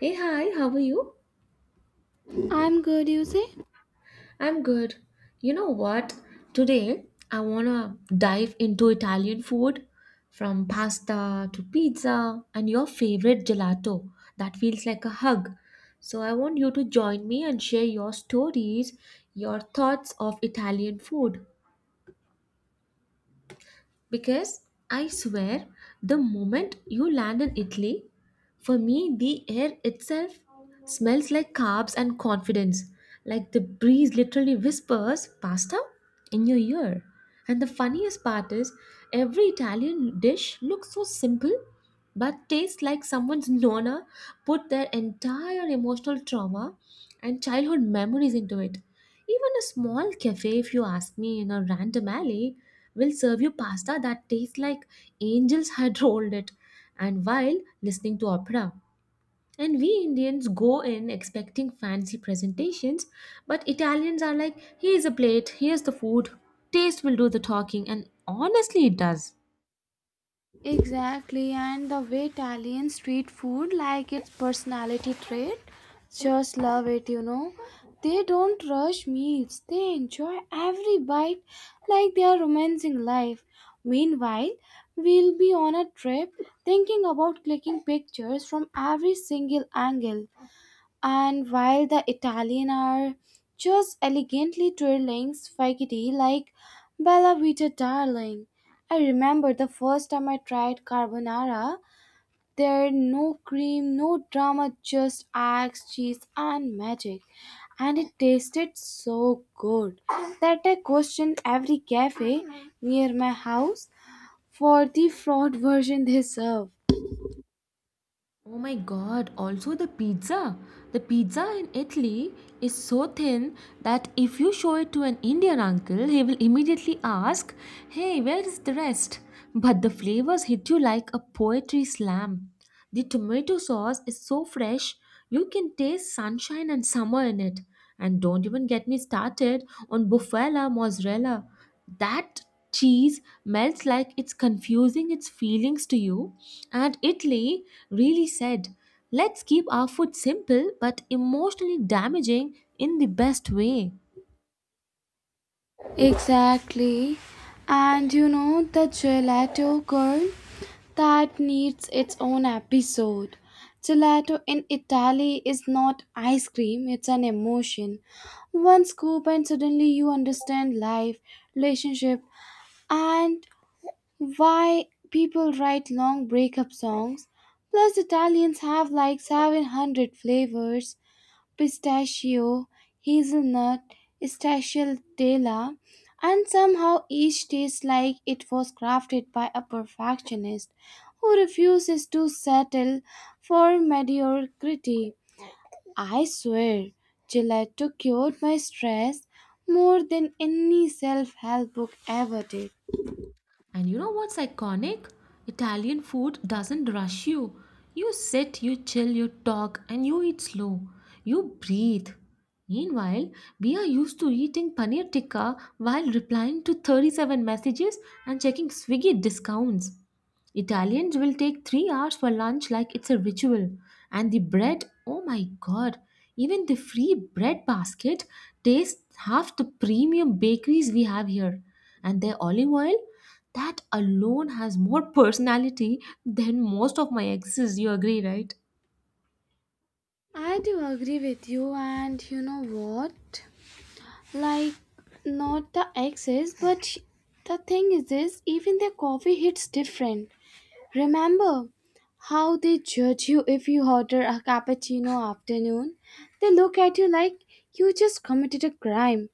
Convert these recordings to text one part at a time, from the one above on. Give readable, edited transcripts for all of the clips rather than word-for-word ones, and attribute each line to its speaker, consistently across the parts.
Speaker 1: Hey, hi, how are you?
Speaker 2: I'm good, you say?
Speaker 1: I'm good. You know what? Today I wanna dive into Italian food from pasta to pizza and your favorite gelato. That feels like a hug. So I want you to join me and share your stories, your thoughts of Italian food. Because I swear, the moment you land in Italy, for me, the air itself smells like carbs and confidence. Like the breeze literally whispers pasta in your ear. And the funniest part is, every Italian dish looks so simple but tastes like someone's nonna put their entire emotional trauma and childhood memories into it. Even a small cafe, if you ask me, in a random alley, will serve you pasta that tastes like angels had rolled it, and while listening to opera. And we Indians go in expecting fancy presentations, but Italians are like, here's a plate, here's the food, taste will do the talking, and honestly, it does.
Speaker 2: Exactly, and the way Italian street food, like its personality trait, just love it. They don't rush meals, they enjoy every bite like they are romancing life. Meanwhile, we'll be on a trip thinking about clicking pictures from every single angle. And while the Italian are just elegantly twirling spaghetti like Bella Vita darling. I remember the first time I tried carbonara. There no cream, no drama, just eggs, cheese and magic. And it tasted so good that I questioned every cafe near my house for the fraud version they serve.
Speaker 1: Oh my god, also the pizza. The pizza in Italy is so thin that if you show it to an Indian uncle, he will immediately ask, hey, where is the rest? But the flavors hit you like a poetry slam. The tomato sauce is so fresh, you can taste sunshine and summer in it. And don't even get me started on bufala mozzarella. That cheese melts like it's confusing its feelings to you, and Italy really said, let's keep our food simple but emotionally damaging in the best way.
Speaker 2: Exactly. And you know the gelato girl? That needs its own episode. Gelato in Italy is not ice cream, it's an emotion. One scoop, and suddenly you understand life, relationship, and why people write long breakup songs. Plus, Italians have like 700 flavors pistachio, hazelnut, stracciatella, and somehow each tastes like it was crafted by a perfectionist who refuses to settle for mediocrity. I swear, gelato cured my stress more than any self help book ever did.
Speaker 1: And you know what's iconic? Italian food doesn't rush you. You sit, you chill, you talk, and you eat slow. You breathe. Meanwhile, we are used to eating paneer tikka while replying to 37 messages and checking Swiggy discounts. Italians will take 3 hours for lunch like it's a ritual. And the bread, oh my god, even the free bread basket tastes half the premium bakeries we have here. And their olive oil, that alone has more personality than most of my exes. You agree, right?
Speaker 2: I do agree with you, and you know what? Like, not the exes, but the thing is this even their coffee hits different. Remember how they judge you if you order a cappuccino afternoon? They look at you like you just committed a crime.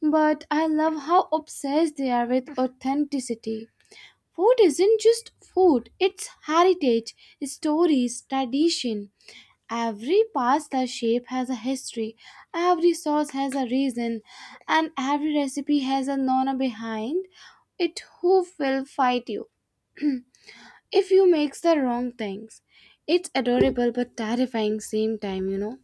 Speaker 2: But I love how obsessed they are with authenticity. Food isn't just food, it's heritage, stories, tradition. Every pasta shape has a history, every sauce has a reason, and every recipe has a nona behind it who will fight you if you make the wrong things. It's adorable but terrifying same time.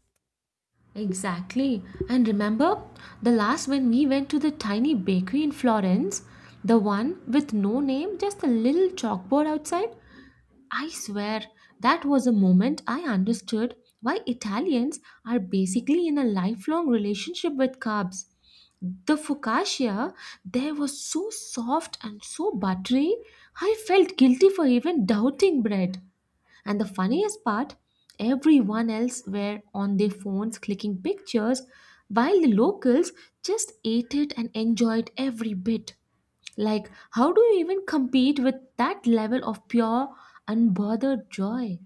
Speaker 1: Exactly. And remember the last when we went to the tiny bakery in Florence, the one with no name, just a little chalkboard outside? I swear that was a moment I understood why Italians are basically in a lifelong relationship with carbs. The focaccia there was so soft and so buttery, I felt guilty for even doubting bread. And the funniest part, everyone else were on their phones clicking pictures while the locals just ate it and enjoyed every bit. Like, how do you even compete with that level of pure, unbothered joy?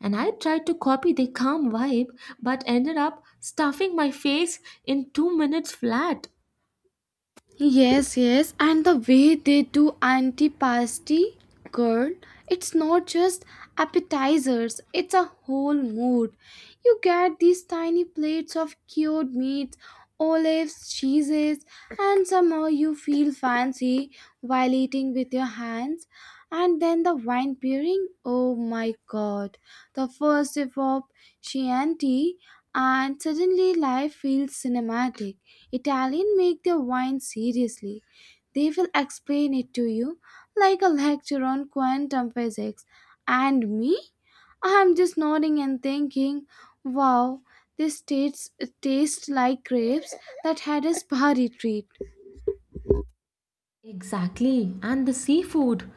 Speaker 1: And I tried to copy their calm vibe but ended up stuffing my face in 2 minutes flat.
Speaker 2: Yes, yes, and the way they do antipasti, girl, it's not just appetizers, it's a whole mood. You get these tiny plates of cured meats, olives, cheeses, and somehow you feel fancy while eating with your hands. And then the wine pairing, oh my god, the first sip of Chianti, and suddenly life feels cinematic. Italian make their wine seriously. They will explain it to you like a lecture on quantum physics. And me? I'm just nodding and thinking, wow, this tastes like grapes that had a spa retreat.
Speaker 1: Exactly. And the seafood.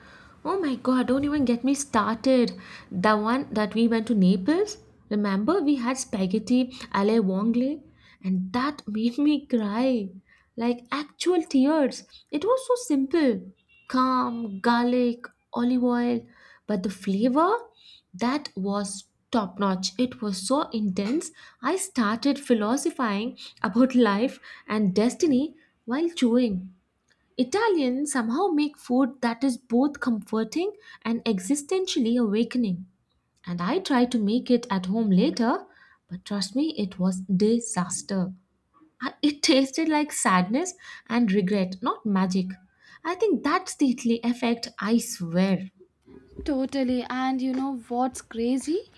Speaker 1: Oh my god, don't even get me started. The one that we went to Naples, remember we had spaghetti alle vongole and that made me cry. Like actual tears. It was so simple. Calm, garlic, olive oil, but the flavor that was top notch. It was so intense. I started philosophizing about life and destiny while chewing. Italians somehow make food that is both comforting and existentially awakening. And I tried to make it at home later, but trust me, it was disaster. It tasted like sadness and regret, not magic. I think that's the Italy effect, I swear.
Speaker 2: Totally, and you know what's crazy?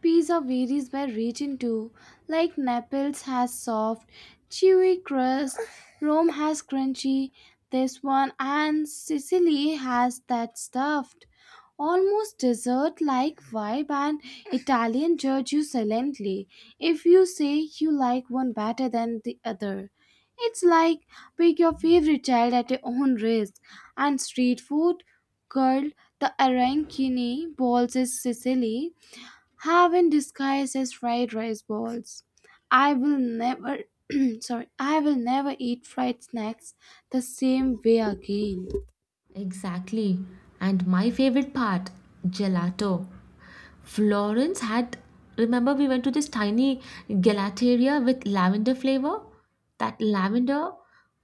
Speaker 2: Pizza varies by region too. Like Naples has soft, chewy crust, Rome has crunchy, this one, and Sicily has that stuffed. Almost dessert like vibe, and Italian judge you silently if you say you like one better than the other. It's like pick your favorite child at your own risk. And street food, girl, the arancini balls is Sicily have in disguise as fried rice balls. I will never I will never eat fried snacks the same way again.
Speaker 1: Exactly. And my favorite part, gelato. Florence had, remember we went to this tiny gelateria with lavender flavor? That lavender,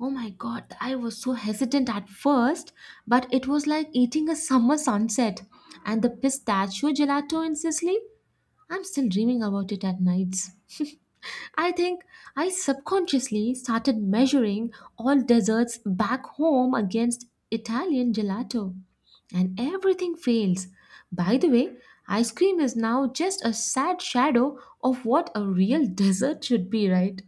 Speaker 1: oh my god, I was so hesitant at first, but it was like eating a summer sunset. And the pistachio gelato in Sicily, I'm still dreaming about it at nights. I think I subconsciously started measuring all desserts back home against Italian gelato, and everything fails. By the way, ice cream is now just a sad shadow of what a real dessert should be, right?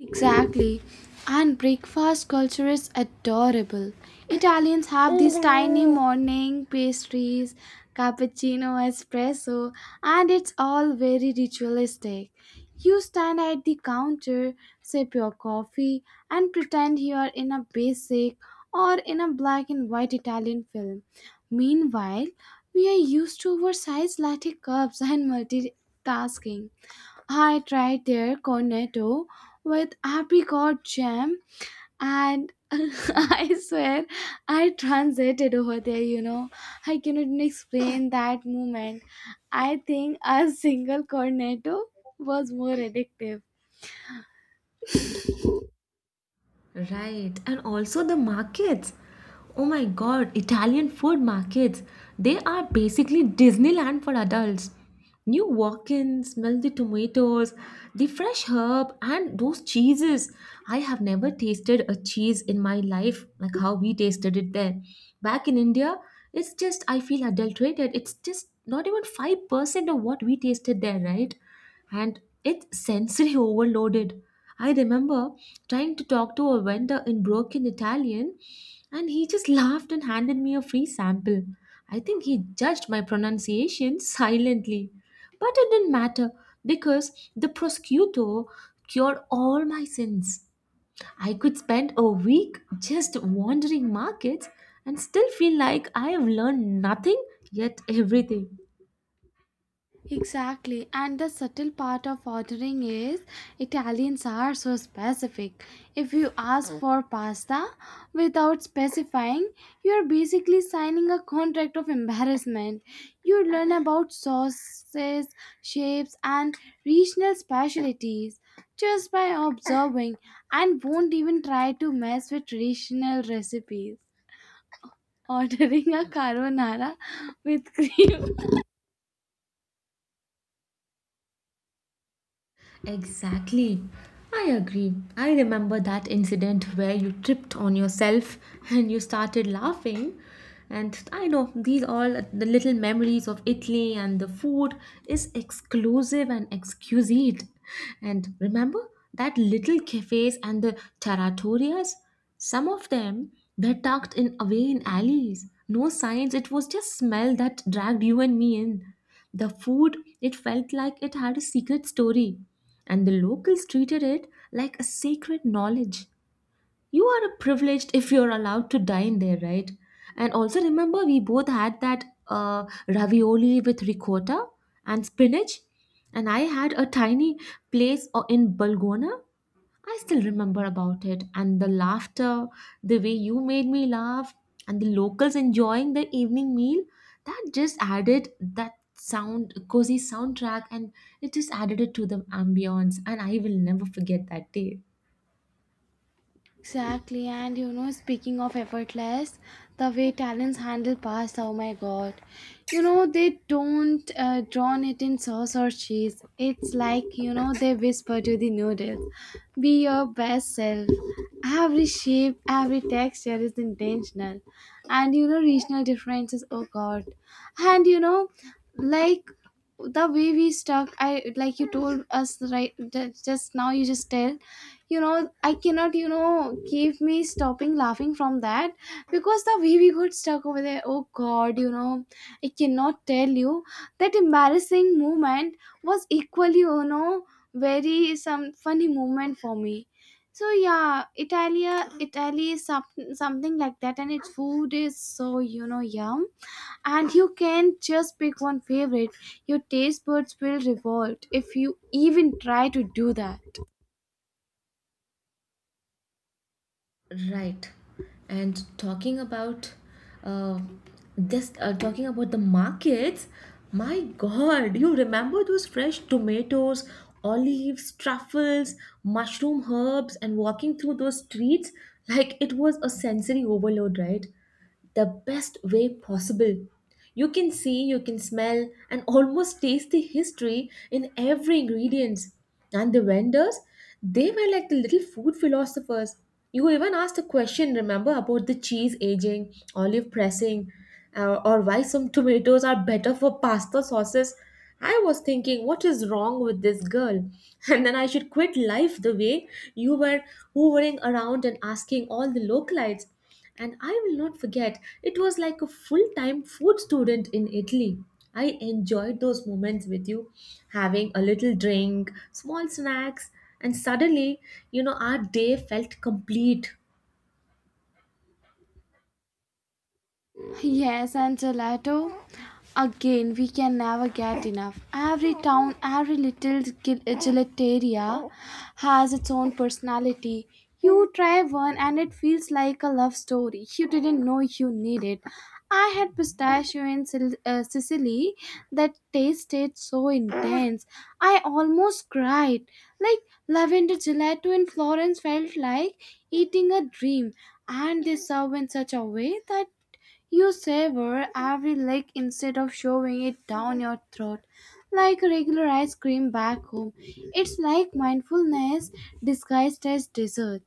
Speaker 2: Exactly. And breakfast culture is adorable. Italians have these tiny morning pastries, cappuccino, espresso, and it's all very ritualistic. You stand at the counter, sip your coffee, and pretend you are in a basic or in a black and white Italian film. Meanwhile, we are used to oversized latte cups and multitasking. I tried their cornetto with apricot jam and I swear I transited over there. I cannot even explain that moment. I think a single cornetto was more addictive.
Speaker 1: Right, and also the markets. Oh my god, Italian food markets. They are basically Disneyland for adults. You walk in, smell the tomatoes, the fresh herb, and those cheeses. I have never tasted a cheese in my life like how we tasted it there. Back in India, it's just, I feel adulterated. It's just not even 5% of what we tasted there, right? And it's sensory overloaded. I remember trying to talk to a vendor in broken Italian, and he just laughed and handed me a free sample. I think he judged my pronunciation silently. But it didn't matter because the prosciutto cured all my sins. I could spend a week just wandering markets and still feel like I have learned nothing yet everything.
Speaker 2: Exactly, and the subtle part of ordering is Italians are so specific. If you ask for pasta without specifying, you are basically signing a contract of embarrassment. You learn about sauces, shapes, and regional specialties just by observing and won't even try to mess with traditional recipes. Ordering a carbonara with cream.
Speaker 1: Exactly. I agree. I remember that incident where you tripped on yourself and you started laughing. And I know these all the little memories of Italy and the food is exclusive and exquisite. And remember that little cafes and the trattorias? Some of them were tucked in away in alleys. No signs, it was just smell that dragged you and me in. The food, it felt like it had a secret story and the locals treated it like a sacred knowledge. You are a privileged if you're allowed to dine there, right? And also remember, we both had that ravioli with ricotta and spinach, and I had a tiny place in Balgona. I still remember about it and the laughter, the way you made me laugh, and the locals enjoying the evening meal. That just added that sound, cozy soundtrack, and it just added it to the ambience. And I will never forget that day.
Speaker 2: Exactly, and you know, speaking of effortless, the way talents handle past, oh my god. You know, they don't drown it in sauce or cheese. It's like, you know, they whisper to the noodles, "Be your best self." Every shape, every texture is intentional. And you know, regional differences, oh god. And you know, like the way we stuck, I like you told us right just now, you just tell you know I cannot you know keep me stopping laughing from that because the way we got stuck over there oh god you know I cannot tell you that embarrassing moment was equally you know very some funny moment for me so yeah italia italy is something like that and its food is so you know yum and you can just pick one favorite your taste buds will revolt if you even try to do that.
Speaker 1: Right. And talking about uh, just talking about the markets, my God, you remember those fresh tomatoes, olives, truffles, mushroom herbs, and walking through those streets like it was a sensory overload, right? The best way possible. You can see, you can smell, and almost taste the history in every ingredient. And the vendors, they were like the little food philosophers. You even asked a question, remember, about the cheese aging, olive pressing, or why some tomatoes are better for pasta sauces. I was thinking, what is wrong with this girl? And then I should quit life the way you were hovering around and asking all the localites, and I will not forget, it was like a full time food student in Italy. I enjoyed those moments with you, having a little drink, small snacks, and suddenly, our day felt complete.
Speaker 2: Yes, and gelato. Again, we can never get enough. Every town, every little gelateria has its own personality. You try one and it feels like a love story. You didn't know you needed. I had pistachio in Sicily that tasted so intense. I almost cried. Like lavender gelato in Florence felt like eating a dream and they serve in such a way that you savor every lick instead of shoving it down your throat like regular ice cream back home. It's like mindfulness disguised as dessert.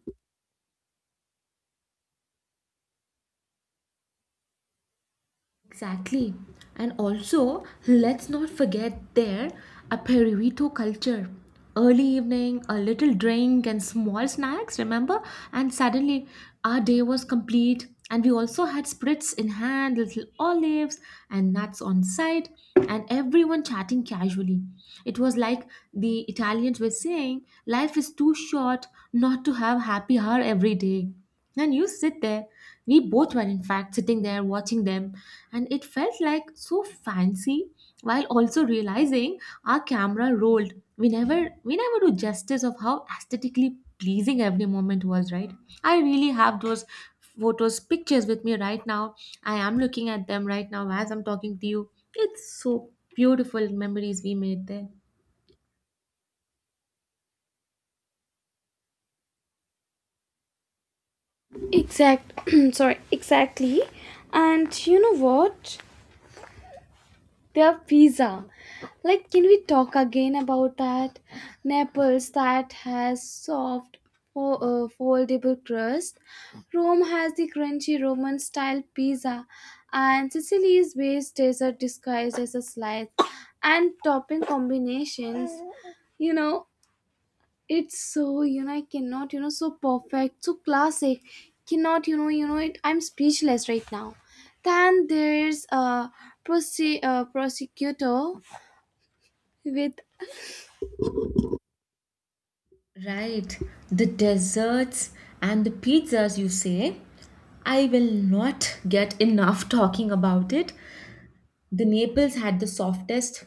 Speaker 1: Exactly. And also, let's not forget their aperitivo culture. Early evening, a little drink and small snacks, remember? And suddenly, our day was complete. And we also had spritz in hand, little olives and nuts on side, and everyone chatting casually. It was like the Italians were saying, life is too short not to have happy hour every day. And you sit there. We both were, in fact, sitting there watching them, and it felt like so fancy while also realizing our camera rolled. We never, do justice of how aesthetically pleasing every moment was, right? I really have those photos, pictures with me right now. I am looking at them right now as I'm talking to you. It's so beautiful memories we made there.
Speaker 2: Exact Exactly. And you know what? Their pizza. Like, can we talk again about that? Naples that has soft, foldable crust. Rome has the crunchy Roman style pizza, and Sicily's base dessert disguised as a slice and topping combinations. You know, it's so you know I cannot you know so perfect so classic cannot you know you know it I'm speechless right now then there's a prosecutor with.
Speaker 1: Right, the desserts and the pizzas, you say? I will not get enough talking about it. The Naples had the softest,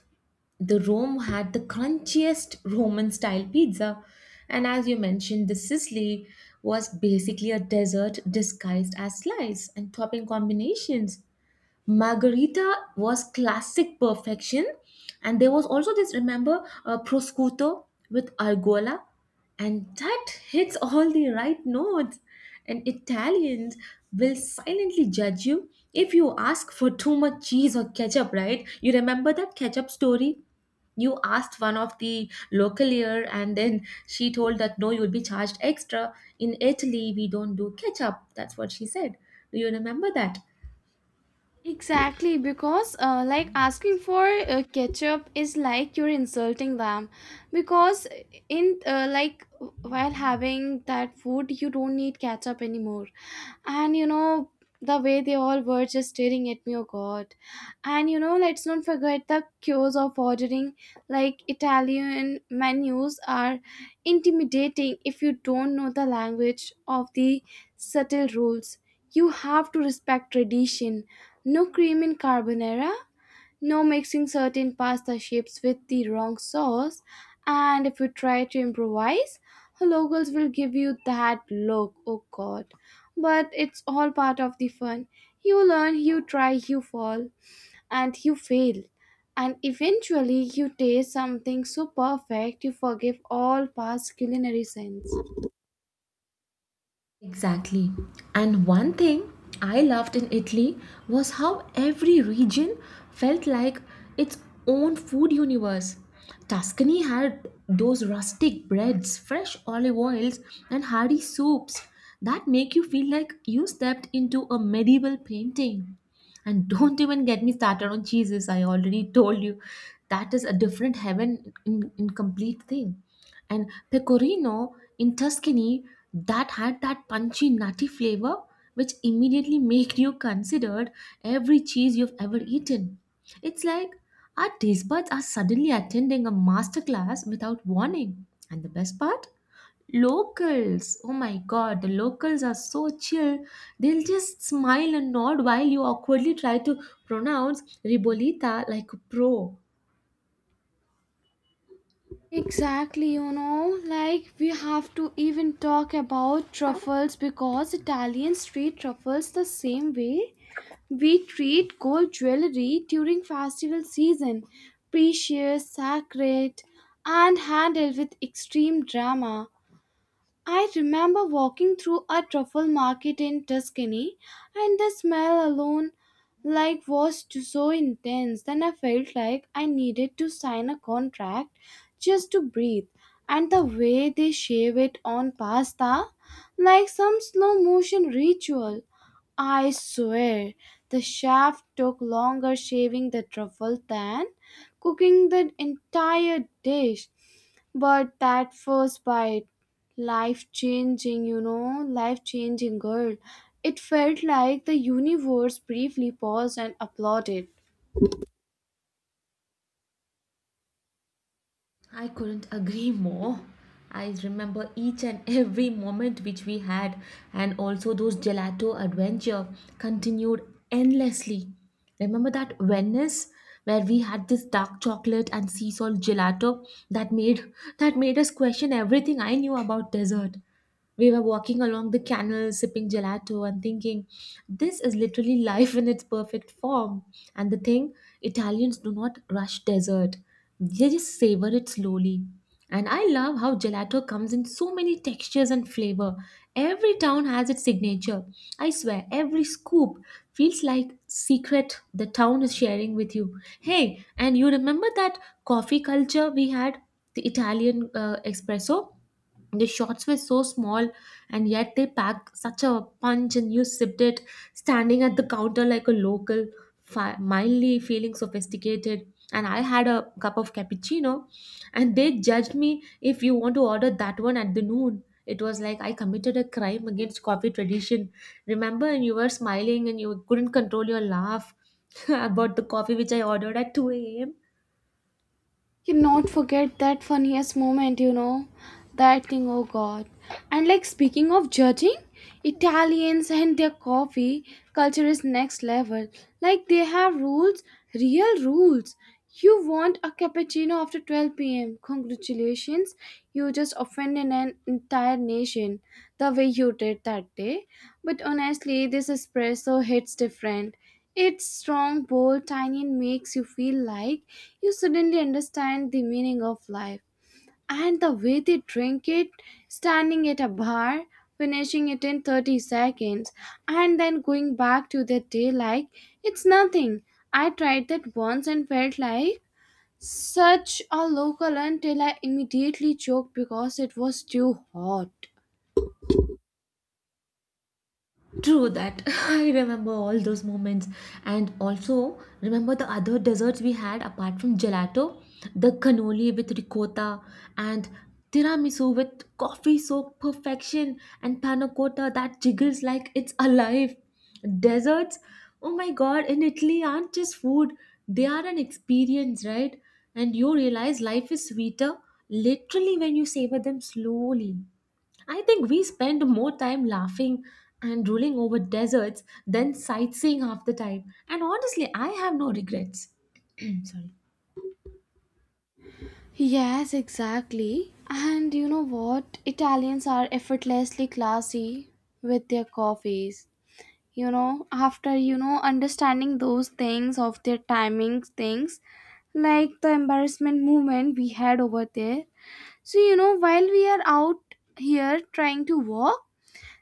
Speaker 1: the Rome had the crunchiest Roman style pizza, and as you mentioned, the Sicily was basically a dessert disguised as slice and topping combinations. Margarita was classic perfection, and there was also this, remember, prosciutto with argola, and that hits all the right notes. And Italians will silently judge you if you ask for too much cheese or ketchup, right? You remember that ketchup story? You asked one of the local here, and then she told that no, you'll be charged extra. In Italy we don't do ketchup, that's what she said. Do you remember that?
Speaker 2: Exactly, because like asking for ketchup is like you're insulting them because in while having that food you don't need ketchup anymore and you know the way they all were just staring at me oh god and you know let's not forget the cues of ordering like italian menus are intimidating if you don't know the language of the subtle rules you have to respect tradition no cream in carbonara no mixing certain pasta shapes with the wrong sauce, and if you try to improvise, locals will give you that look, oh god. But it's all part of the fun. You learn, you try, you fall, and you fail. And eventually, you taste something so perfect you forgive all past culinary sins.
Speaker 1: Exactly. And one thing I loved in Italy was how every region felt like its own food universe. Tuscany had those rustic breads, fresh olive oils, and hearty soups that make you feel like you stepped into a medieval painting. And don't even get me started on cheeses, I already told you. That is a different heaven in complete thing, and pecorino in Tuscany, that had that punchy nutty flavor which immediately make you considered every cheese you've ever eaten. It's like our taste buds are suddenly attending a masterclass without warning. And the best part? Locals. Oh my god, the locals are so chill. They'll just smile and nod while you awkwardly try to pronounce ribolita like a pro.
Speaker 2: Exactly, you know, like we have to even talk about truffles because Italians treat truffles the same way we treat gold jewelry during festival season, precious, sacred, and handled with extreme drama. I remember walking through a truffle market in Tuscany, and the smell alone like was too, so intense that I felt like I needed to sign a contract just to breathe. And the way they shave it on pasta, like some slow motion ritual. I swear, the chef took longer shaving the truffle than cooking the entire dish. But that first bite, life changing, you know, life changing girl. It felt like the universe briefly paused and applauded.
Speaker 1: I couldn't agree more. I remember each and every moment which we had, and also those gelato adventure continued endlessly. Remember that Venice where we had this dark chocolate and sea salt gelato that made that made us question everything I knew about dessert. We were walking along the canal sipping gelato and thinking, this is literally life in its perfect form. And the thing, Italians do not rush dessert, they just savor it slowly. And I love how gelato comes in so many textures and flavor. Every town has its signature. I swear, every scoop feels like secret the town is sharing with you. Hey, and you remember that coffee culture we had, the Italian espresso? The shots were so small, and yet they packed such a punch, and you sipped it standing at the counter like a local, mildly feeling sophisticated. And I had a cup of cappuccino, and they judged me if you want to order that one at the noon. It was like I committed a crime against coffee tradition. Remember, and you were smiling and you couldn't control your laugh about the coffee which I ordered at 2 a.m.
Speaker 2: Cannot forget that funniest moment, you know. That thing, oh god. And like speaking of judging, Italians and their coffee culture is next level. Like they have rules, real rules. You want a cappuccino after 12 pm. Congratulations, you just offended an entire nation the way you did that day. But honestly, this espresso hits different. It's strong, bold, tiny, and makes you feel like you suddenly understand the meaning of life. And the way they drink it, standing at a bar, finishing it in 30 seconds, and then going back to their day like it's nothing. I tried that once and felt like such a local until I immediately choked because it was too hot.
Speaker 1: True that. I remember all those moments and also remember the other desserts we had apart from gelato, the cannoli with ricotta and tiramisu with coffee soaked perfection and panna cotta that jiggles like it's alive. Desserts, oh my god, in Italy aren't just food, they are an experience, right? And you realize life is sweeter literally when you savor them slowly. I think we spend more time laughing and drooling over deserts than sightseeing half the time. And honestly, I have no regrets. Sorry.
Speaker 2: Yes, exactly. And you know what? Italians are effortlessly classy with their coffees. You know, after you know understanding those things of their timing things, like the embarrassment movement we had over there. So you know, while we are out here trying to walk,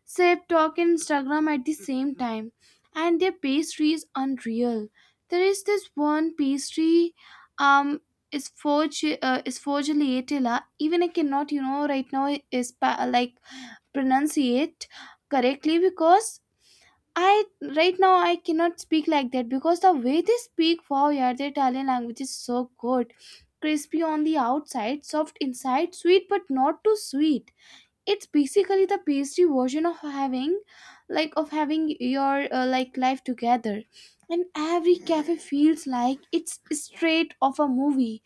Speaker 2: sip, talk, and Instagram at the same time, and their pastry is unreal. There is this one pastry, um, is forge is forgeliatella. Even I cannot, you know, right now is like pronunciate correctly because I right now I cannot speak like that because the way they speak, wow, yeah, the Italian language is so good. Crispy on the outside, soft inside, sweet but not too sweet it's basically the pastry version of having your like life together and every cafe feels like it's straight of a movie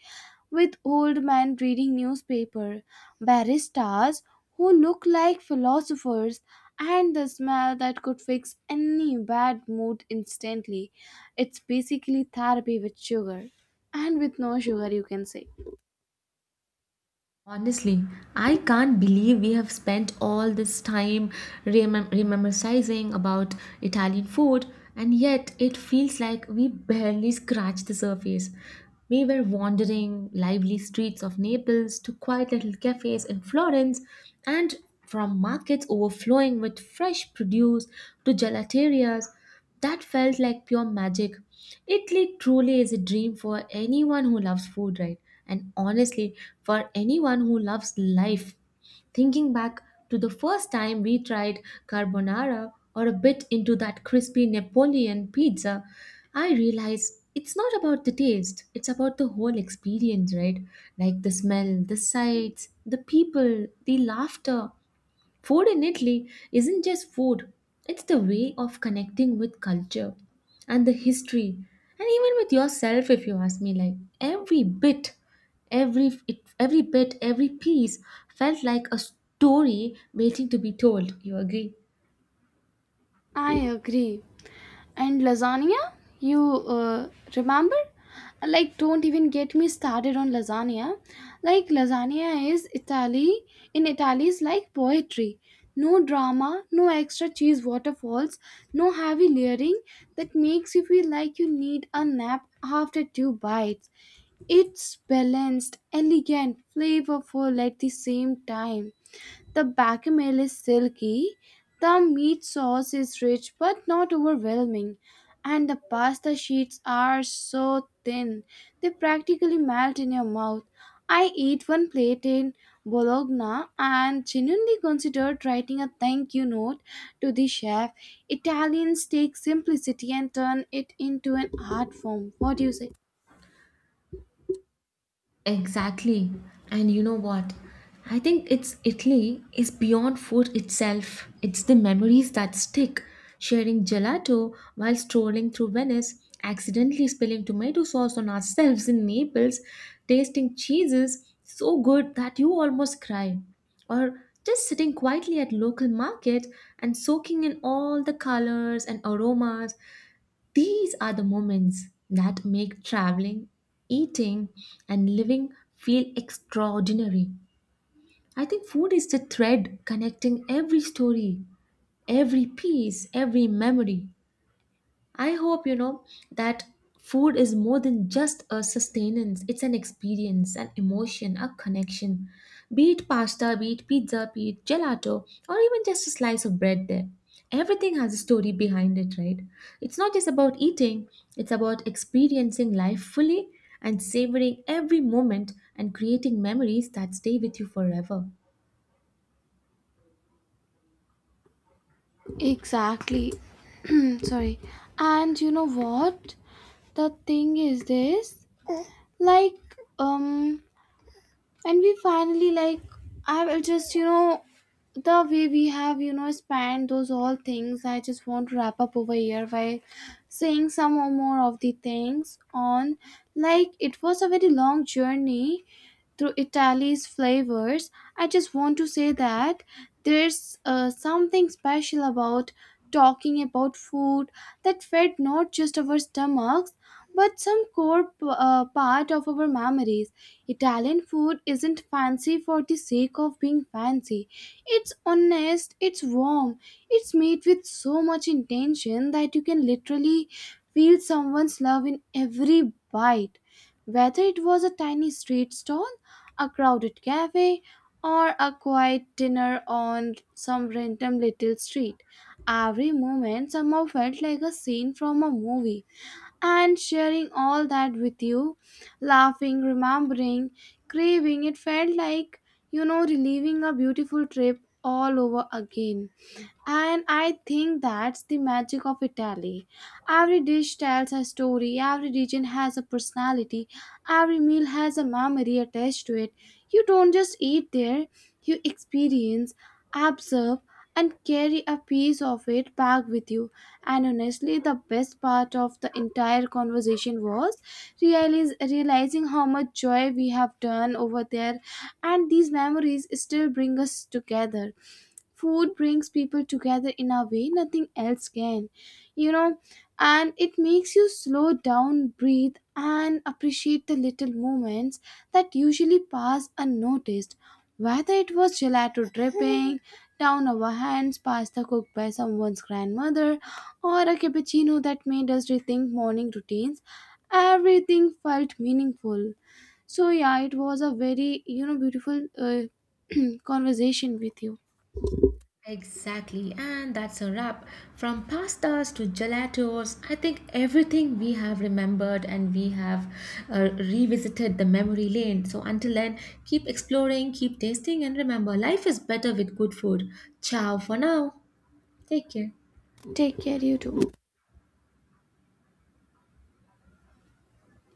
Speaker 2: with old men reading newspaper baristas who look like philosophers and the smell that could fix any bad mood instantly it's basically therapy with sugar and with no sugar you can say
Speaker 1: Honestly, I can't believe we have spent all this time rememorizing about Italian food, and yet it feels like we barely scratched the surface. We were wandering lively streets of Naples to quiet little cafes in Florence, and from markets overflowing with fresh produce to gelaterias that felt like pure magic. Italy truly is a dream for anyone who loves food, right? And honestly, for anyone who loves life. Thinking back to the first time we tried carbonara or a bit into that crispy Napoleon pizza, I realized it's not about the taste, it's about the whole experience, right? Like the smell, the sights, the people, the laughter. Food in Italy isn't just food, it's the way of connecting with culture and the history, and even with yourself, if you ask me. Like every bit, every it, every bit, every piece felt like a story waiting to be told. You agree?
Speaker 2: I agree. And lasagna? You uh, remember? Like, don't even get me started on lasagna. Like, lasagna in Italy is like poetry. No drama, no extra cheese waterfalls, no heavy layering that makes you feel like you need a nap after two bites. It's balanced, elegant, flavorful at the same time. The bechamel is silky, the meat sauce is rich but not overwhelming, and the pasta sheets are so thin they practically melt in your mouth. I ate one plate in Bologna and genuinely considered writing a thank you note to the chef. Italians take simplicity and turn it into an art form. What do you say?
Speaker 1: Exactly. And you know what? I think it's Italy is beyond food itself. It's the memories that stick. Sharing gelato while strolling through Venice, accidentally spilling tomato sauce on ourselves in Naples, tasting cheeses so good that you almost cry. Or just sitting quietly at local market and soaking in all the colors and aromas, these are the moments that make traveling, eating, and living feel extraordinary. I think food is the thread connecting every story, every piece, every memory. I hope you know that food is more than just a sustenance, it's an experience, an emotion, a connection. Be it pasta, be it pizza, be it gelato, or even just a slice of bread there. Everything has a story behind it, right? It's not just about eating, it's about experiencing life fully and savoring every moment and creating memories that stay with you forever.
Speaker 2: Exactly. Sorry. And you know what? The thing is this like and we finally like I will just you know the way we have you know spanned those all things I just want to wrap up over here by saying some or more of the things on like it was a very long journey through Italy's flavors. I just want to say that there's something special about talking about food that fed not just our stomachs but some core part of our memories. Italian food isn't fancy for the sake of being fancy. It's honest, it's warm, it's made with so much intention that you can literally feel someone's love in every bite. Whether it was a tiny street stall a crowded cafe, or a quiet dinner on some random little street. Every moment somehow felt like a scene from a movie, and sharing all that with you, laughing, remembering, craving, it felt like, you know, reliving a beautiful trip all over again. And I think that's the magic of Italy. Every dish tells a story, every region has a personality, every meal has a memory attached to it. You don't just eat there, you experience, observe, and carry a piece of it back with you. And honestly, the best part of the entire conversation was realizing how much joy we have done over there, and these memories still bring us together food brings people together in a way nothing else can you know and it makes you slow down breathe and appreciate the little moments that usually pass unnoticed whether it was gelato dripping down our hands pasta cooked by someone's grandmother or a cappuccino that made us rethink morning routines everything felt meaningful so yeah it was a very you know beautiful conversation with you.
Speaker 1: Exactly, and that's a wrap. From pastas to gelatos, I think everything we have remembered and we have revisited the memory lane. So until then, keep exploring, keep tasting, and remember life is better with good food. Ciao for now. Take care.
Speaker 2: Take care, you too.